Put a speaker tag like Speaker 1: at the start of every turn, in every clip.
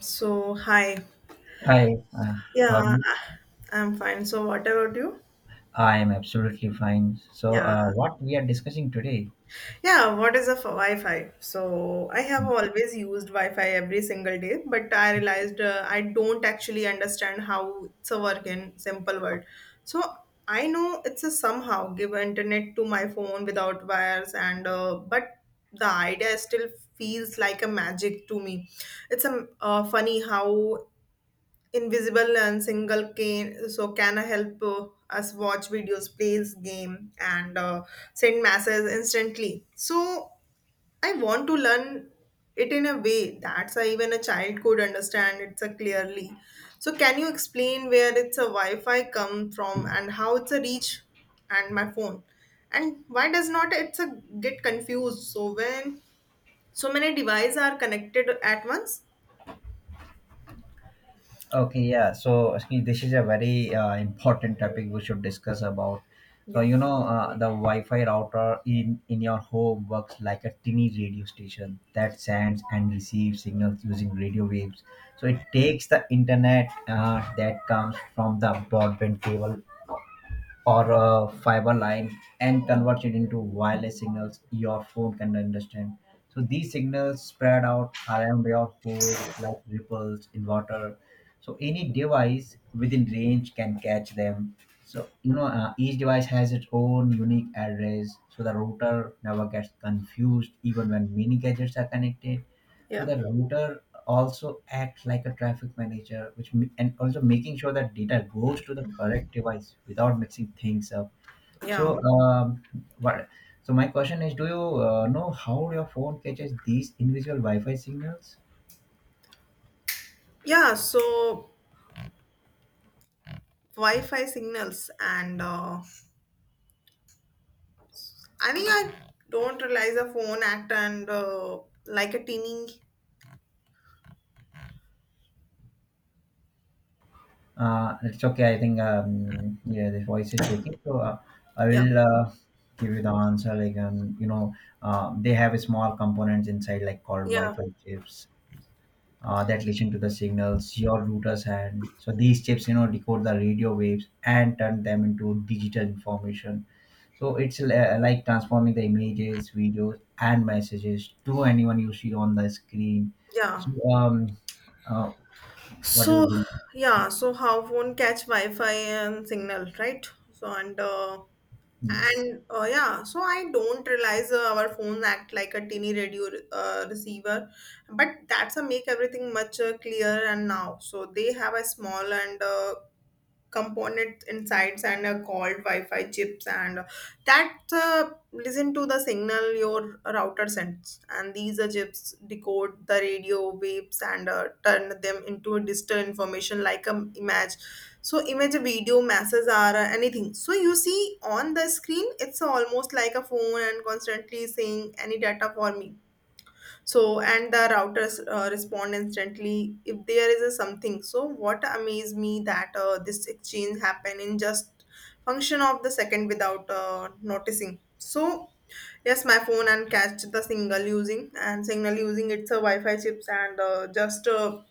Speaker 1: So, hi.
Speaker 2: Hi,
Speaker 1: Yeah,
Speaker 2: howdy.
Speaker 1: I'm fine. So, what about you?
Speaker 2: I am absolutely fine. So,
Speaker 1: Yeah.
Speaker 2: what we are discussing today?
Speaker 1: Yeah, what is a Wi-Fi? So, I have always used Wi-Fi every single day, but I realized I don't actually understand how it's a work in simple word. So, I know it's a somehow give internet to my phone without wires and but the idea still feels like a magic to me. It's a funny how invisible and single can so can help us watch videos plays game and send messages instantly. So I want to learn it in a way that's even a child could understand it so clearly. So can you explain where it's a Wi-Fi come from and how it's a reach and my phone, and why does not it's a get confused so when so many devices are connected at once?
Speaker 2: Okay, yeah. So, see, this is a very important topic we should discuss about. So,
Speaker 1: Yeah,
Speaker 2: you know, the Wi-Fi router in your home works like a tiny radio station that sends and receives signals using radio waves. So, it takes the internet that comes from the broadband cable or a fiber line and convert it into wireless signals your phone can understand. So these signals spread out around your home like ripples in water. So any device within range can catch them. So you know each device has its own unique address, so the router never gets confused even when many gadgets are connected. So
Speaker 1: yeah,
Speaker 2: the router also acts like a traffic manager, which and also making sure that data goes to the correct device without mixing things up.
Speaker 1: yeah.
Speaker 2: So, what? So my question is, do you know how your phone catches these invisible Wi-Fi signals?
Speaker 1: Yeah, so Wi-Fi signals and I think I don't realize a phone act and like a teeny.
Speaker 2: It's okay. I think yeah, the voice is breaking. So I
Speaker 1: Yeah,
Speaker 2: will give you the answer. Like you know, they have a small components inside, like called
Speaker 1: yeah,
Speaker 2: Wi-Fi chips, that listen to the signals your router's hand. So these chips, you know, decode the radio waves and turn them into digital information. So it's like transforming the images, videos, and messages to anyone you see on the screen.
Speaker 1: yeah.
Speaker 2: So uh, what do
Speaker 1: So
Speaker 2: you think?
Speaker 1: yeah, so how phone catch Wi-Fi and signal right, so
Speaker 2: Yes.
Speaker 1: and yeah, so I don't realize our phones act like a teeny radio receiver, but that's a make everything much clearer and now. So they have a small and component insides and are called Wi-Fi chips and that listen to the signal your router sends, and these chips decode the radio waves and turn them into digital information like a image. So image, video, messages are anything so you see on the screen. It's almost like a phone and constantly saying any data for me. So, and the routers respond instantly if there is a something. So, what amazed me that this exchange happened in just function of the second without noticing. So, yes, my phone and catch the single using and signal using it's a Wi-Fi chips and just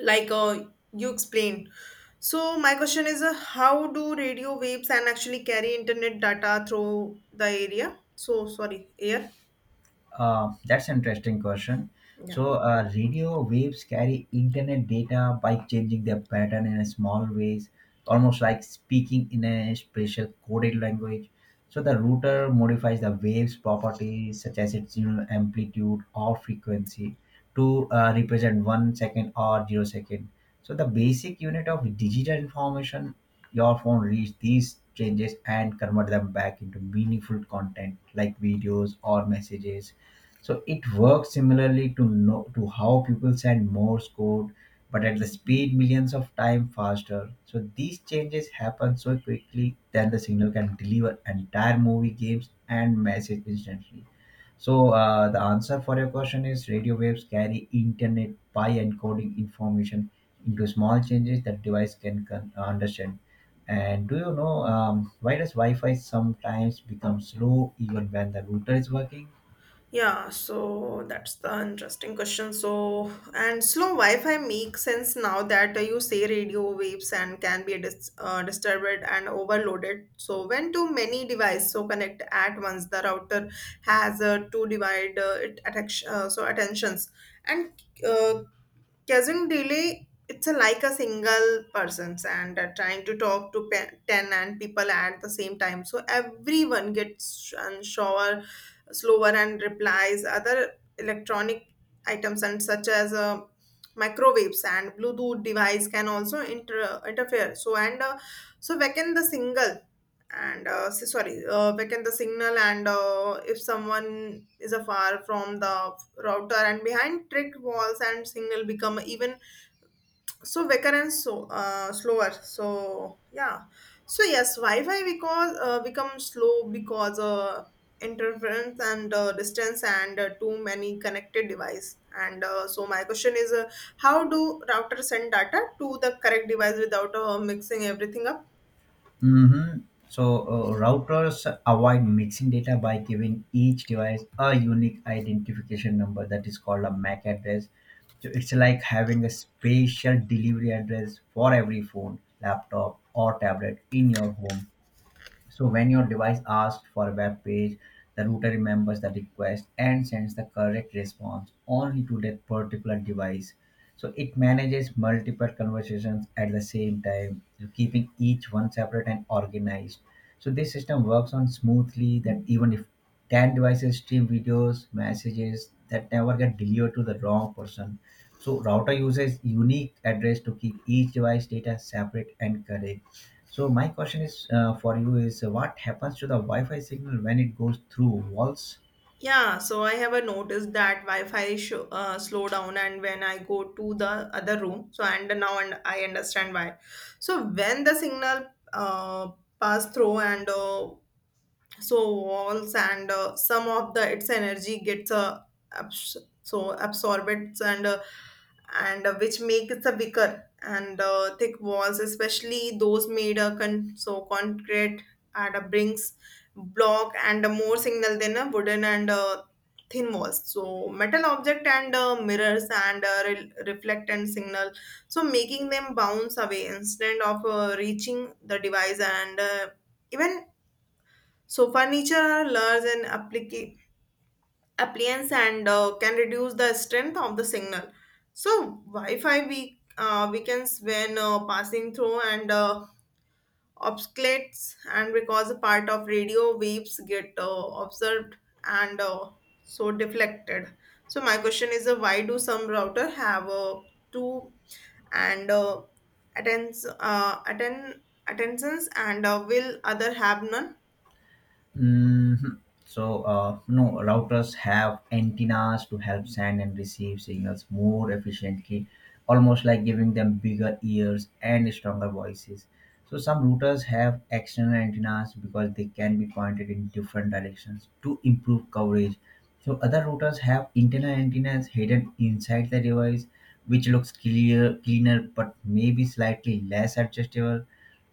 Speaker 1: like uh, you explained. So, my question is, how do radio waves and actually carry internet data through the area? So, sorry, air.
Speaker 2: That's an interesting question.
Speaker 1: Yeah.
Speaker 2: So, radio waves carry internet data by changing their pattern in a small ways, almost like speaking in a special coded language. So, the router modifies the waves properties such as its you know, amplitude or frequency to represent one second or zero second. So, the basic unit of digital information your phone reads these changes and convert them back into meaningful content like videos or messages so it works similarly to no, to how people send Morse code, but at the speed millions of times faster. So these changes happen so quickly that the signal can deliver entire movie, games, and message instantly. So the answer for your question is radio waves carry internet by encoding information into small changes that device can understand. And do you know why does Wi-Fi sometimes become slow even when the router is working?
Speaker 1: Yeah, so that's the interesting question. So, and slow Wi-Fi makes sense now that you say radio waves and can be disturbed and overloaded. So, when too many devices so connect at once, the router has to divide it attention, so attentions and uh, Cousin really, it's a, like a single person's and trying to talk to 10 and people at the same time. So everyone gets unsure, slower, and replies other electronic items and such as microwaves and Bluetooth device can also interfere. So and so weaken the single and s- sorry weaken the signal, and if someone is afar from the router and behind trick walls and signal become even so weaker and so slower. So yeah, so yes, Wi-Fi because become slow because interference and distance and too many connected device and so my question is, how do routers send data to the correct device without mixing everything up?
Speaker 2: Hmm. So, routers avoid mixing data by giving each device a unique identification number that is called a MAC address. So, it's like having a special delivery address for every phone, laptop, or tablet in your home. So when your device asks for a web page, the router remembers the request and sends the correct response only to that particular device. So it manages multiple conversations at the same time, keeping each one separate and organized. So this system works on smoothly that even if 10 devices stream videos, messages that never get delivered to the wrong person. So router uses unique address to keep each device data separate and correct. So my question is for you is what happens to the Wi-Fi signal when it goes through walls.
Speaker 1: Yeah, so I have a noticed that Wi-Fi show, slow down, and when I go to the other room, so and now and I understand why. So when the signal uh, pass through and so walls, and some of the its energy gets abs- so absorbed and which makes it a weaker, and thick walls especially those made so concrete and brings block and more signal than a wooden and thin walls. So metal object and mirrors and reflect and signal, so making them bounce away instead of reaching the device, and even so furniture are large and appliance and can reduce the strength of the signal. So Wi-Fi weak, weakens when passing through and obsculates and because a part of radio waves get observed and so deflected. So my question is, why do some router have two and attends uh, atten- attentions and will other have none?
Speaker 2: Mhm. So, no, routers have antennas to help send and receive signals more efficiently, almost like giving them bigger ears and stronger voices. So, some routers have external antennas because they can be pointed in different directions to improve coverage. So, other routers have internal antennas hidden inside the device, which looks clear, cleaner, but maybe slightly less adjustable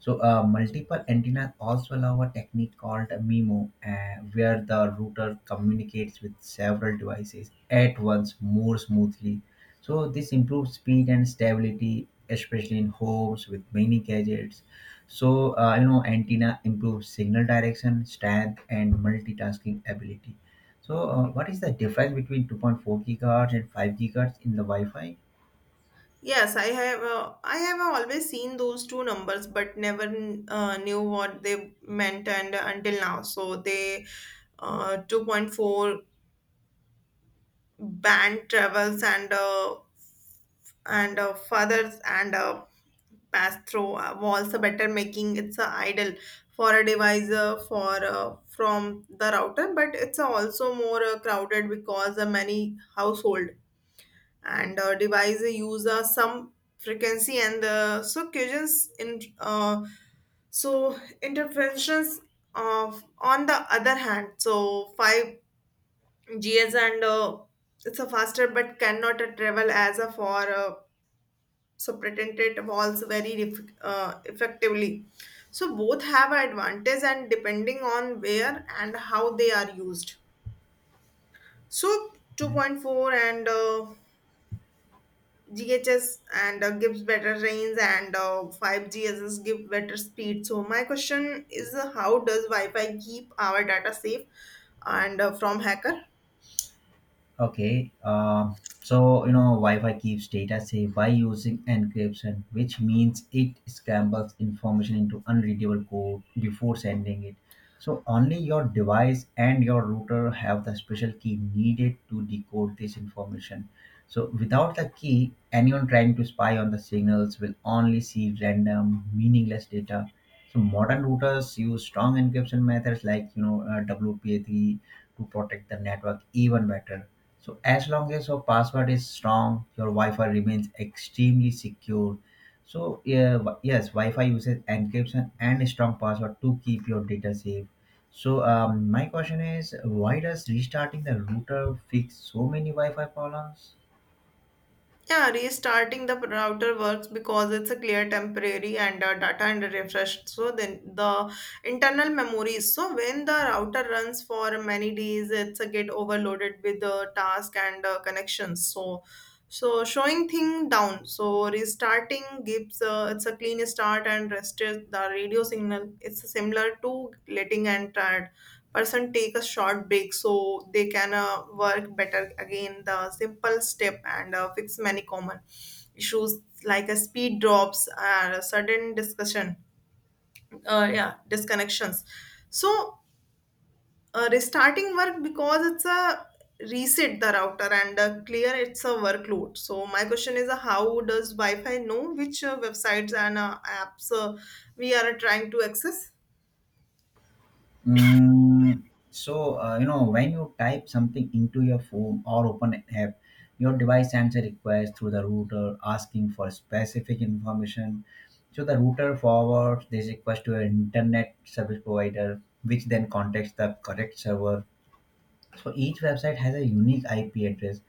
Speaker 2: so multiple antennas also allow a technique called a MIMO, where the router communicates with several devices at once more smoothly. So this improves speed and stability, especially in homes with many gadgets. So you know, antenna improves signal direction, strength, and multitasking ability. So what is the difference between 2.4 gigahertz and 5 gigahertz in the Wi-Fi?
Speaker 1: Yes, I have. I have always seen those two numbers, but never knew what they meant, and until now, so they 2.4 band travels and furthers and pass through walls are better, making it's a idle for a device for from the router, but it's also more crowded because many household and device use some frequency and so cushions in so interventions of. On the other hand, so 5Gs and it's a faster, but cannot travel as a for subprotected walls very effectively. So both have advantage and depending on where and how they are used. So 2.4 and GHS and gives better range, and 5GSS give better speed. So my question is, how does Wi-Fi keep our data safe and from hacker?
Speaker 2: Okay, so you know, Wi-Fi keeps data safe by using encryption, which means it scrambles information into unreadable code before sending it. So only your device and your router have the special key needed to decode this information. So without the key, anyone trying to spy on the signals will only see random, meaningless data. So modern routers use strong encryption methods like you know WPA3 to protect the network even better so as long as your password is strong, your Wi-Fi remains extremely secure. So yeah, yes, Wi-Fi uses encryption and a strong password to keep your data safe. So my question is, why does restarting the router fix so many Wi-Fi problems?
Speaker 1: Yeah, restarting the router works because it's a clear temporary and data and refreshed. So then the internal memory. So when the router runs for many days, it's a get overloaded with the task and connections. So so showing thing down. So restarting gives it's a clean start and restores the radio signal. It's similar to letting and tired person take a short break so they can work better again. The simple step and fix many common issues like a speed drops and a sudden discussion, yeah, disconnections. So restarting work because it's a reset the router and clear it's a workload. So my question is, how does Wi-Fi know which websites and apps we are trying to access?
Speaker 2: Mm, so you know when you type something into your phone or open an app, your device sends a request through the router asking for specific information. So the router forwards this request to an internet service provider, which then contacts the correct server so each website has a unique IP address,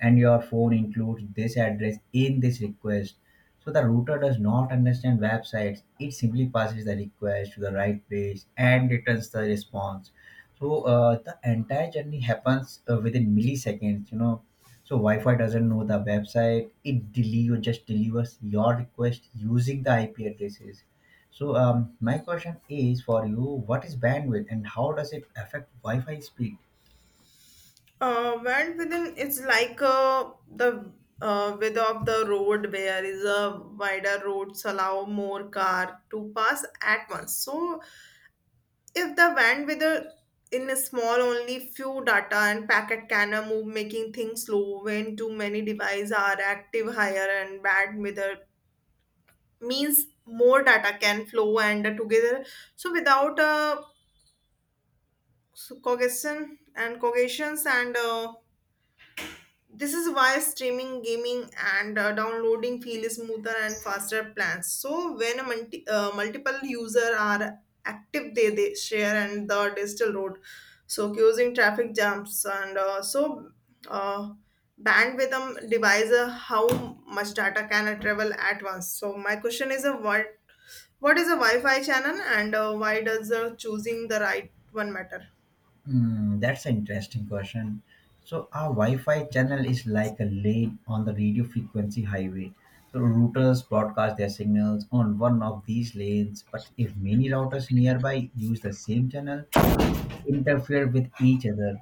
Speaker 2: and your phone includes this address in this request. So the router does not understand websites. It simply passes the request to the right page and returns the response. So the entire journey happens within milliseconds. You know, so Wi-Fi doesn't know the website. It deliver just delivers your request using the IP addresses. So my question is for you: what is bandwidth, and how does it affect Wi-Fi speed?
Speaker 1: Went within it's like the width of the road where is a wider roads allow more car to pass at once. So if the van with a in a small, only few data and packet can move, making things slow when too many devices are active. Higher and bad with a means more data can flow and together so without so cognition and cognitions and this is why streaming, gaming, and downloading feel smoother and faster plans. So when a multiple user are active, they share and the digital road, so causing traffic jumps and so uh, bandwidth device, how much data can I travel at once. So my question is, what is a Wi-Fi channel and why does choosing the right one matter?
Speaker 2: Hmm, that's an interesting question. So our Wi-Fi channel is like a lane on the radio frequency highway. So routers broadcast their signals on one of these lanes, but if many routers nearby use the same channel, interfere with each other.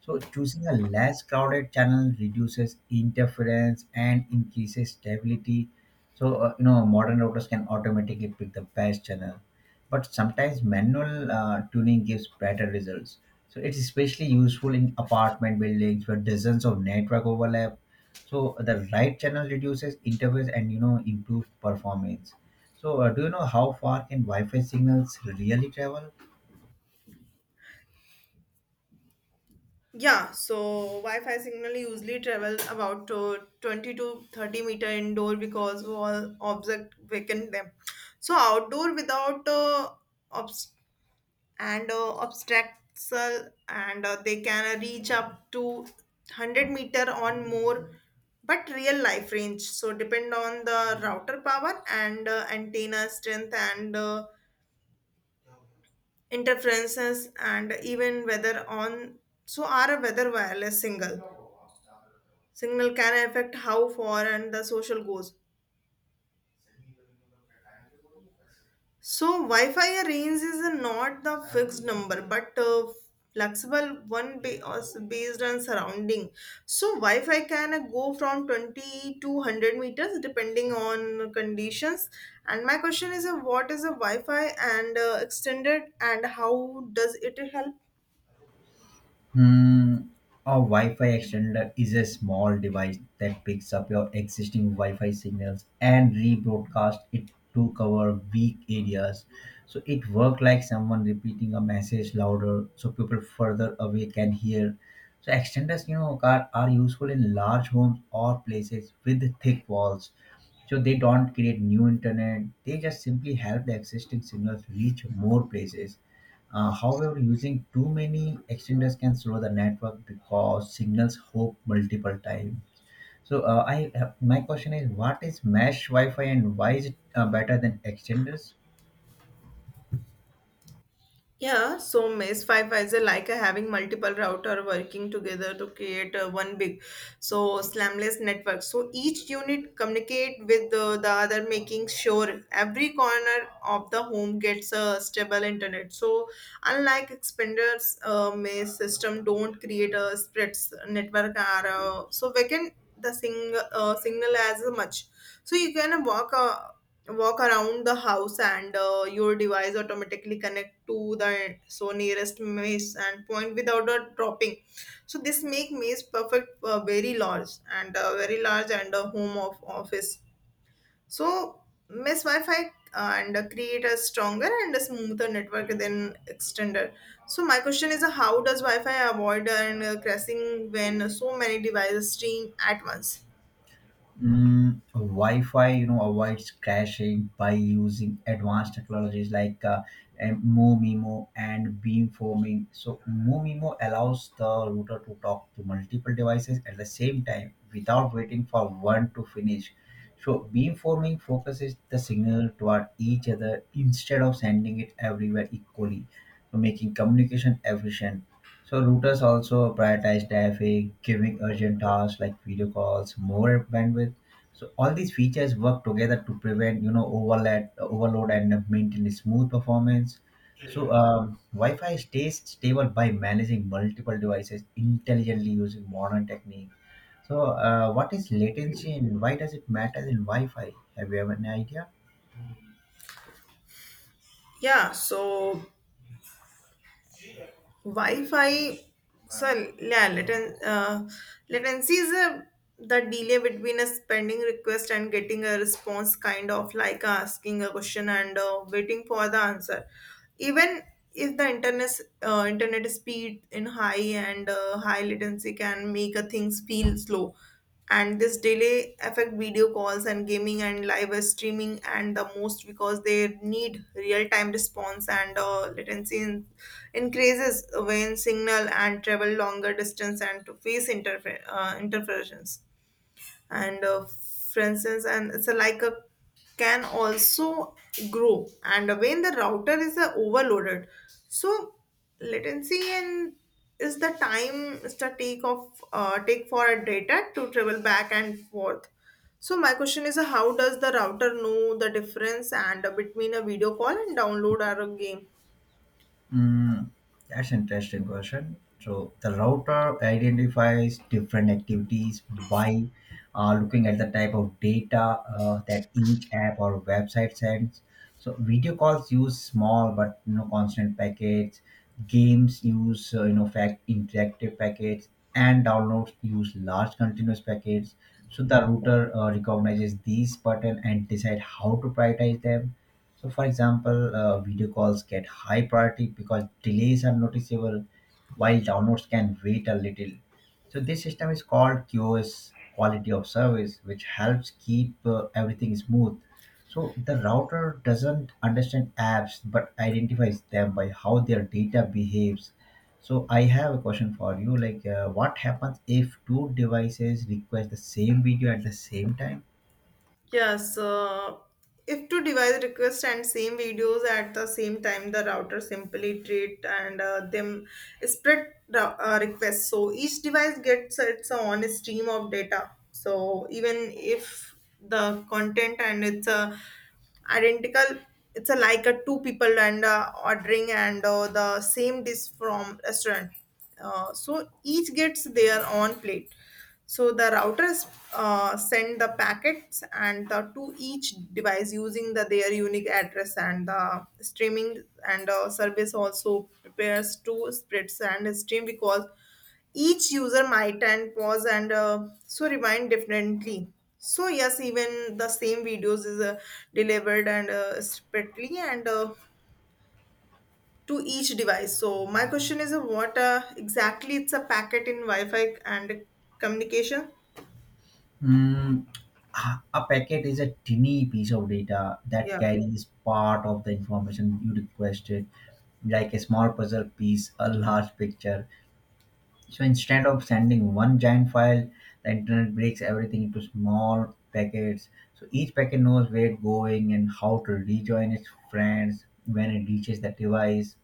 Speaker 2: So choosing a less crowded channel reduces interference and increases stability. So you know modern routers can automatically pick the best channel, but sometimes manual tuning gives better results. So it's especially useful in apartment buildings where dozens of network overlap. So the right channel reduces interference and you know improves performance. So do you know how far can Wi-Fi signals really travel?
Speaker 1: Yeah, so Wi-Fi signal usually travels about 20 to 30 meter indoor because all object weaken them. So outdoor without obst- and obstacle and they can reach up to 100 meter on more, but real life range so depend on the router power and antenna strength and interferences and even whether on so are a weather wireless single signal can affect how far and the social goes. So Wi-Fi range is not the fixed number, but flexible one based on surrounding. So Wi-Fi can go from 20 to 100 meters depending on conditions. And my question is, what is a Wi-Fi and extended, and how does it help?
Speaker 2: Hmm. A Wi-Fi extender is a small device that picks up your existing Wi-Fi signals and rebroadcasts it to cover weak areas. So it works like someone repeating a message louder, so people further away can hear. So extenders, you know, are useful in large homes or places with thick walls. So they don't create new internet. They just simply help the existing signals reach more places. However, using too many extenders can slow the network because signals hop multiple times. So I my question is, what is mesh Wi-Fi and why is it better than extenders?
Speaker 1: Yeah, so Mesh 5 is like a having multiple router working together to create one big, so slamless network. So each unit communicate with the other, making sure every corner of the home gets a stable internet. So unlike expanders, Mesh system don't create a spreads network are so we can the sing signal as much. So you can walk around the house and your device automatically connect to the so nearest maze and point without a dropping. So this make maze perfect, very large and a home of office. So mesh Wi-Fi and create a stronger and a smoother network than extender. So my question is, how does Wi-Fi avoid and crashing when so many devices stream at once?
Speaker 2: Mm, Wi-Fi, you know, avoids crashing by using advanced technologies like MoMeMo and beamforming. So MoMeMo allows the router to talk to multiple devices at the same time without waiting for one to finish. So beamforming focuses the signal toward each other instead of sending it everywhere equally, so making communication efficient. So routers also prioritize traffic, giving urgent tasks like video calls, more bandwidth. So all these features work together to prevent you know overload and maintain smooth performance. So Wi-Fi stays stable by managing multiple devices intelligently using modern techniques. So what is latency and why does it matter in Wi-Fi? Have you have an idea?
Speaker 1: Yeah, so Wi-Fi, so yeah, latency is a, the delay between a spending request and getting a response, kind of like asking a question and waiting for the answer. Even if the internet internet speed in high and high latency can make a things feel slow, and this delay affect video calls and gaming and live streaming and the most because they need real-time response, and latency increases when signal and travel longer distance and to face interference, and for instance and it's a, like a can also grow and when the router is overloaded. So latency and is the time is the take of take for a data to travel back and forth. So my question is, how does the router know the difference and between a video call and download or a game?
Speaker 2: Mm, that's interesting question. So the router identifies different activities by looking at the type of data that each app or website sends. So video calls use small but you know constant packets. Games use you know fact interactive packets, and downloads use large continuous packets. So the router recognizes these pattern and decide how to prioritize them so, for example, video calls get high priority because delays are noticeable, while downloads can wait a little. So, this system is called QoS quality of service, which helps keep everything smooth. So, the router doesn't understand apps but identifies them by how their data behaves. So, I have a question for you like, what happens if two devices request the same video at the same time?
Speaker 1: Yes, if two device request and same videos at the same time, the router simply treat and them requests. So each device gets its own stream of data. So even if the content and it's identical, it's a, like a two people and ordering and the same dish from restaurant. So each gets their own plate. So the routers send the packets and the, to each device using the their unique address, and the streaming and service also prepares two splits and stream because each user might and pause and so remind differently. So yes, even the same videos is delivered and separately and to each device. So my question is, what exactly it's a packet in Wi-Fi and communication?
Speaker 2: Mm, a packet is a tiny piece of data that
Speaker 1: Yeah.
Speaker 2: carries part of the information you requested, like a small puzzle piece, a large picture. So instead of sending one giant file, the internet breaks everything into small packets. So each packet knows where it's going and how to rejoin its friends when it reaches the device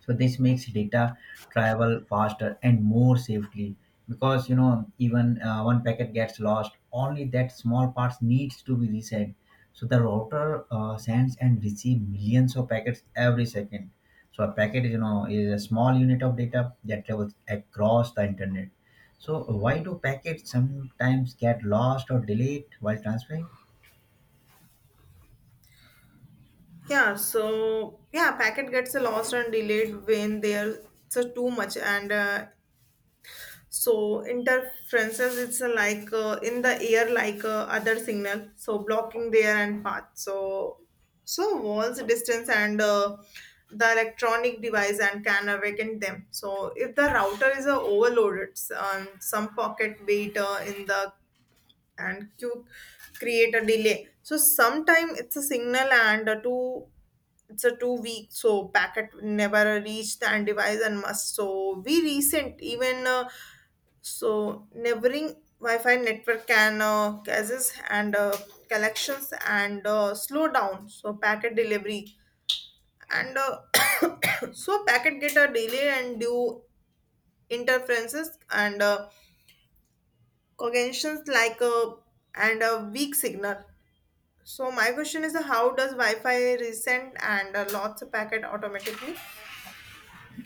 Speaker 2: so this makes data travel faster and more safely because you know even one packet gets lost only that small parts needs to be resent so the router sends and receives millions of packets every second so a packet you know is a small unit of data that travels across the internet so why do packets sometimes get lost or delayed while transferring.
Speaker 1: Yeah, packet gets lost and delayed when there's too much, and so interferences it's like in the air, like other signal, so blocking their and path. So, so walls, distance, and the electronic device and can awaken them. So, if the router is overloaded, some pocket weight in the and you create a delay, so sometime it's a signal and a two it's a two week so packet never reach the end device and must so we recent even so neighboring Wi-Fi network can causes and collections and slow down so packet delivery and so packet get a delay and due interferences and cognitions like a and a weak signal. So my question is, how does Wi-Fi resend and lots of packet automatically?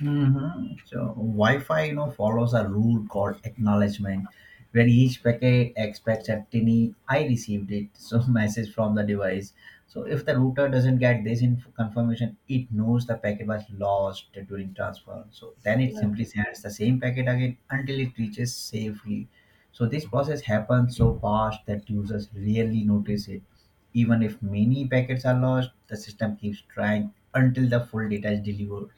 Speaker 2: Mhm. So Wi-Fi, you know, follows a rule called acknowledgement, where each packet expects at tiny I received it, so message from the device. So if the router doesn't get this confirmation, it knows the packet was lost during transfer. So then it simply sends the same packet again until it reaches safely. So this process happens so fast that users rarely notice it. Even if many packets are lost, the system keeps trying until the full data is delivered.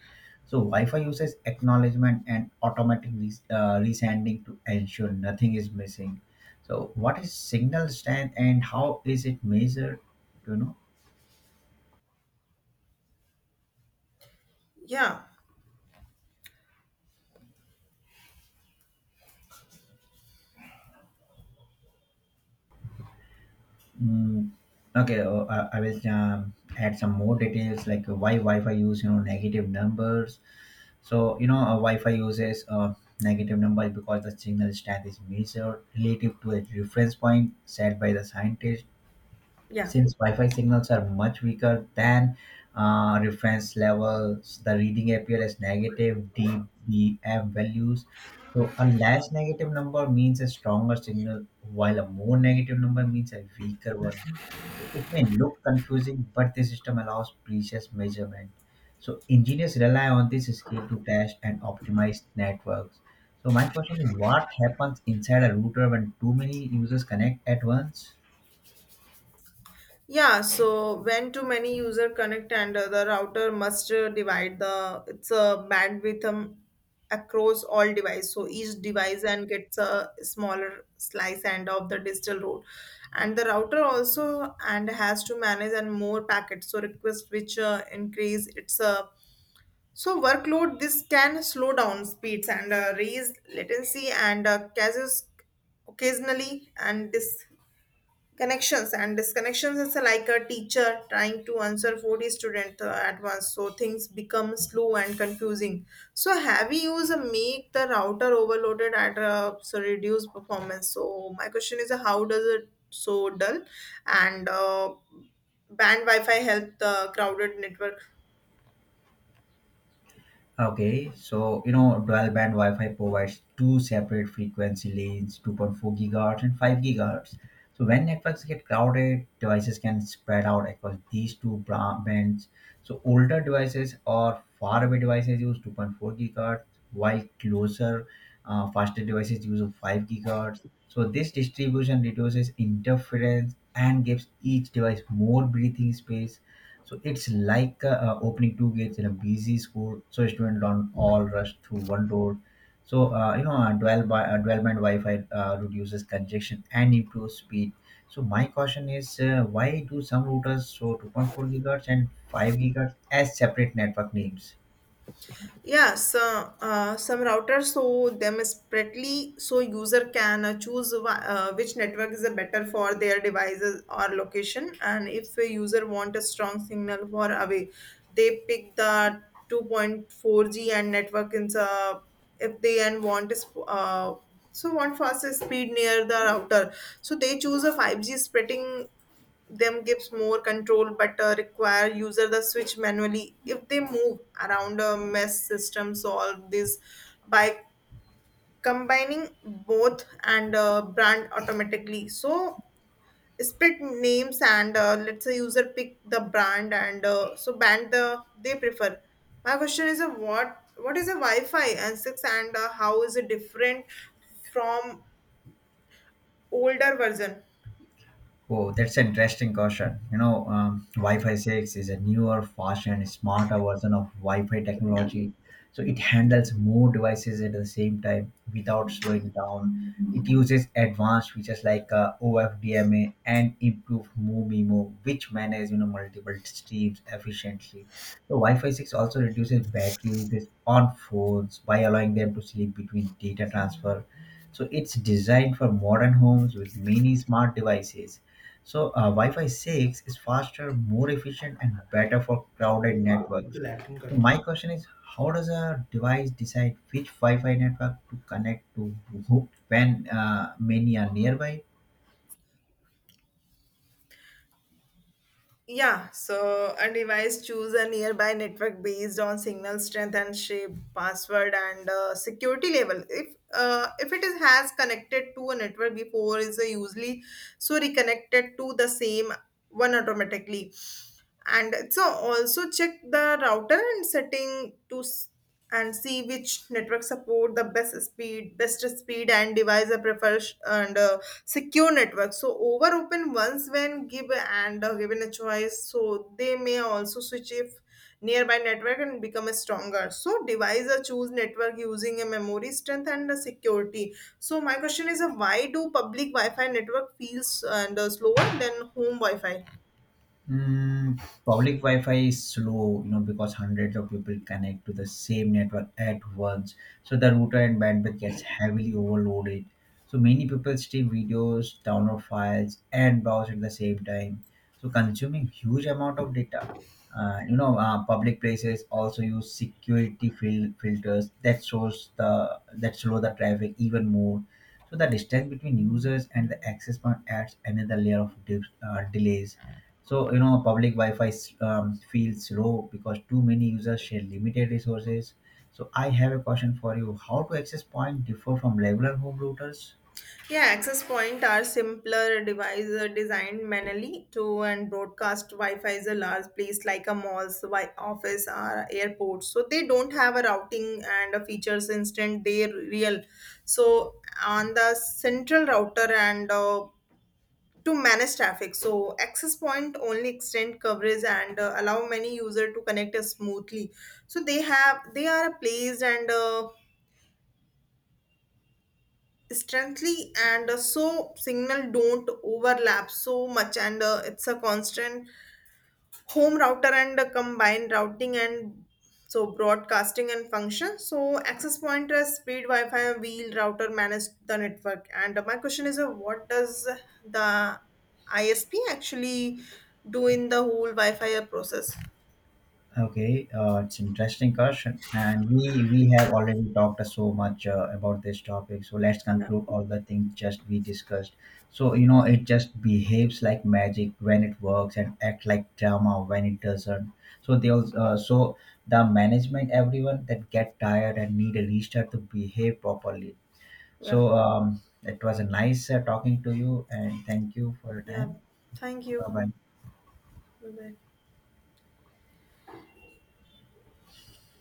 Speaker 2: So Wi-Fi uses acknowledgement and automatic resending to ensure nothing is missing. So what is signal strength and how is it measured? You know.
Speaker 1: Yeah,
Speaker 2: Mm, okay, I will add some more details like why Wi-Fi use you know negative numbers. So you know Wi-Fi uses negative numbers because the signal strength is measured relative to a reference point set by the scientist
Speaker 1: yeah,
Speaker 2: since Wi-Fi signals are much weaker than reference levels, the reading appear as negative dBm values. So a less negative number means a stronger signal, while a more negative number means a weaker one. So it may look confusing, but the system allows precise measurement. So engineers rely on this scale to test and optimize networks. So my question is, what happens inside a router when too many users connect at once?
Speaker 1: yeah. So when too many user connect and the router must divide the its bandwidth, across all device. So each device and gets a smaller slice and of the digital road, and the router also and has to manage and more packets. So request which increase its so workload, this can slow down speeds and raise latency and causes occasionally and disconnections, and disconnections is like a teacher trying to answer 40 students at once. So things become slow and confusing. So heavy use make the router overloaded at so reduce performance. So my question is, how does it so dull and band Wi-Fi help the crowded network?
Speaker 2: Okay, so you know, dual band Wi-Fi provides two separate frequency lanes, 2.4 gigahertz and 5 gigahertz. So when networks get crowded, devices can spread out across these bands. So older devices or faraway devices use 2.4 gigahertz, while closer, faster devices use of 5 gigahertz. So this distribution reduces interference and gives each device more breathing space. So it's like opening two gates in a busy school, so students don't all rush through one door. So you know, dwell by dual band Wi-Fi reduces congestion and improves speed. So my question is, why do some routers show 2.4 gigahertz and 5 gigahertz as separate network names?
Speaker 1: Yeah, so some routers show them separately so user can choose which network is better for their devices or location. And if a user want a strong signal for away, they pick the 2.4G and network in the if they and want is, so want faster speed near the router, so they choose a 5G spreading them gives more control but require user the switch manually if they move around a mess system solve this by combining both and brand automatically, so split names and let's say user pick the brand and so brand the they prefer. My question is, what is a Wi-Fi and 6 and how is it different from older version?
Speaker 2: Oh, that's an interesting question. You know, Wi-Fi 6 is a newer, faster, and smarter version of Wi-Fi technology. So it handles more devices at the same time without slowing down. It uses advanced features like OFDMA and improved MoMeMo, which manage you know multiple streams efficiently. So Wi-Fi 6 also reduces battery usage on phones by allowing them to sleep between data transfer. So it's designed for modern homes with many smart devices. So Wi-Fi 6 is faster, more efficient, and better for crowded networks. So my question is, how does a device decide which Wi-Fi network to connect to when many are nearby?
Speaker 1: Yeah, so a device choose a nearby network based on signal strength and shape, password and security level. If it is has connected to a network before, is usually so reconnected to the same one automatically. And so also check the router and setting to and see which network support the best speed and device I prefer sh- and secure network so over open once when give and given a choice, so they may also switch if nearby network and become a stronger so device are choose network using a memory strength and a security. So my question is, why do public Wi-Fi network feels and slower than home Wi-Fi?
Speaker 2: Mm, public Wi-Fi is slow, you know, because hundreds of people connect to the same network at once. So the router and bandwidth gets heavily overloaded. So many people stream videos, download files, and browse at the same time, so consuming huge amount of data. You know, public places also use security filters that shows the that slow the traffic even more. So the distance between users and the access point adds another layer of delays. So, you know, public Wi-Fi feels slow because too many users share limited resources. So, I have a question for you: how to access point differ from regular home routers?
Speaker 1: Yeah, access point are simpler devices designed manually to and broadcast Wi-Fi is a large place like a mall's office or airport. So they don't have a routing and a features instant. They're real. So on the central router and to manage traffic. So access point only extend coverage and allow many user to connect us smoothly. So they are placed and. Strengthly and so signal don't overlap so much and it's a constant home router and combined routing and so broadcasting and function, so access pointer speed Wi-Fi wheel router manage the network. And my question is, what does the ISP actually do in the whole Wi-Fi process?
Speaker 2: Okay, it's interesting question, and we have already talked so much about this topic. So let's
Speaker 1: yeah
Speaker 2: conclude all the things just we discussed. So you know, it just behaves like magic when it works and act like drama when it doesn't. So they also the management, everyone that get tired and need a restart to behave properly.
Speaker 1: yeah
Speaker 2: So it was a nice talking to you, and thank you for your
Speaker 1: yeah
Speaker 2: time.
Speaker 1: thank
Speaker 2: Bye
Speaker 1: you.
Speaker 2: bye.
Speaker 1: Bye bye.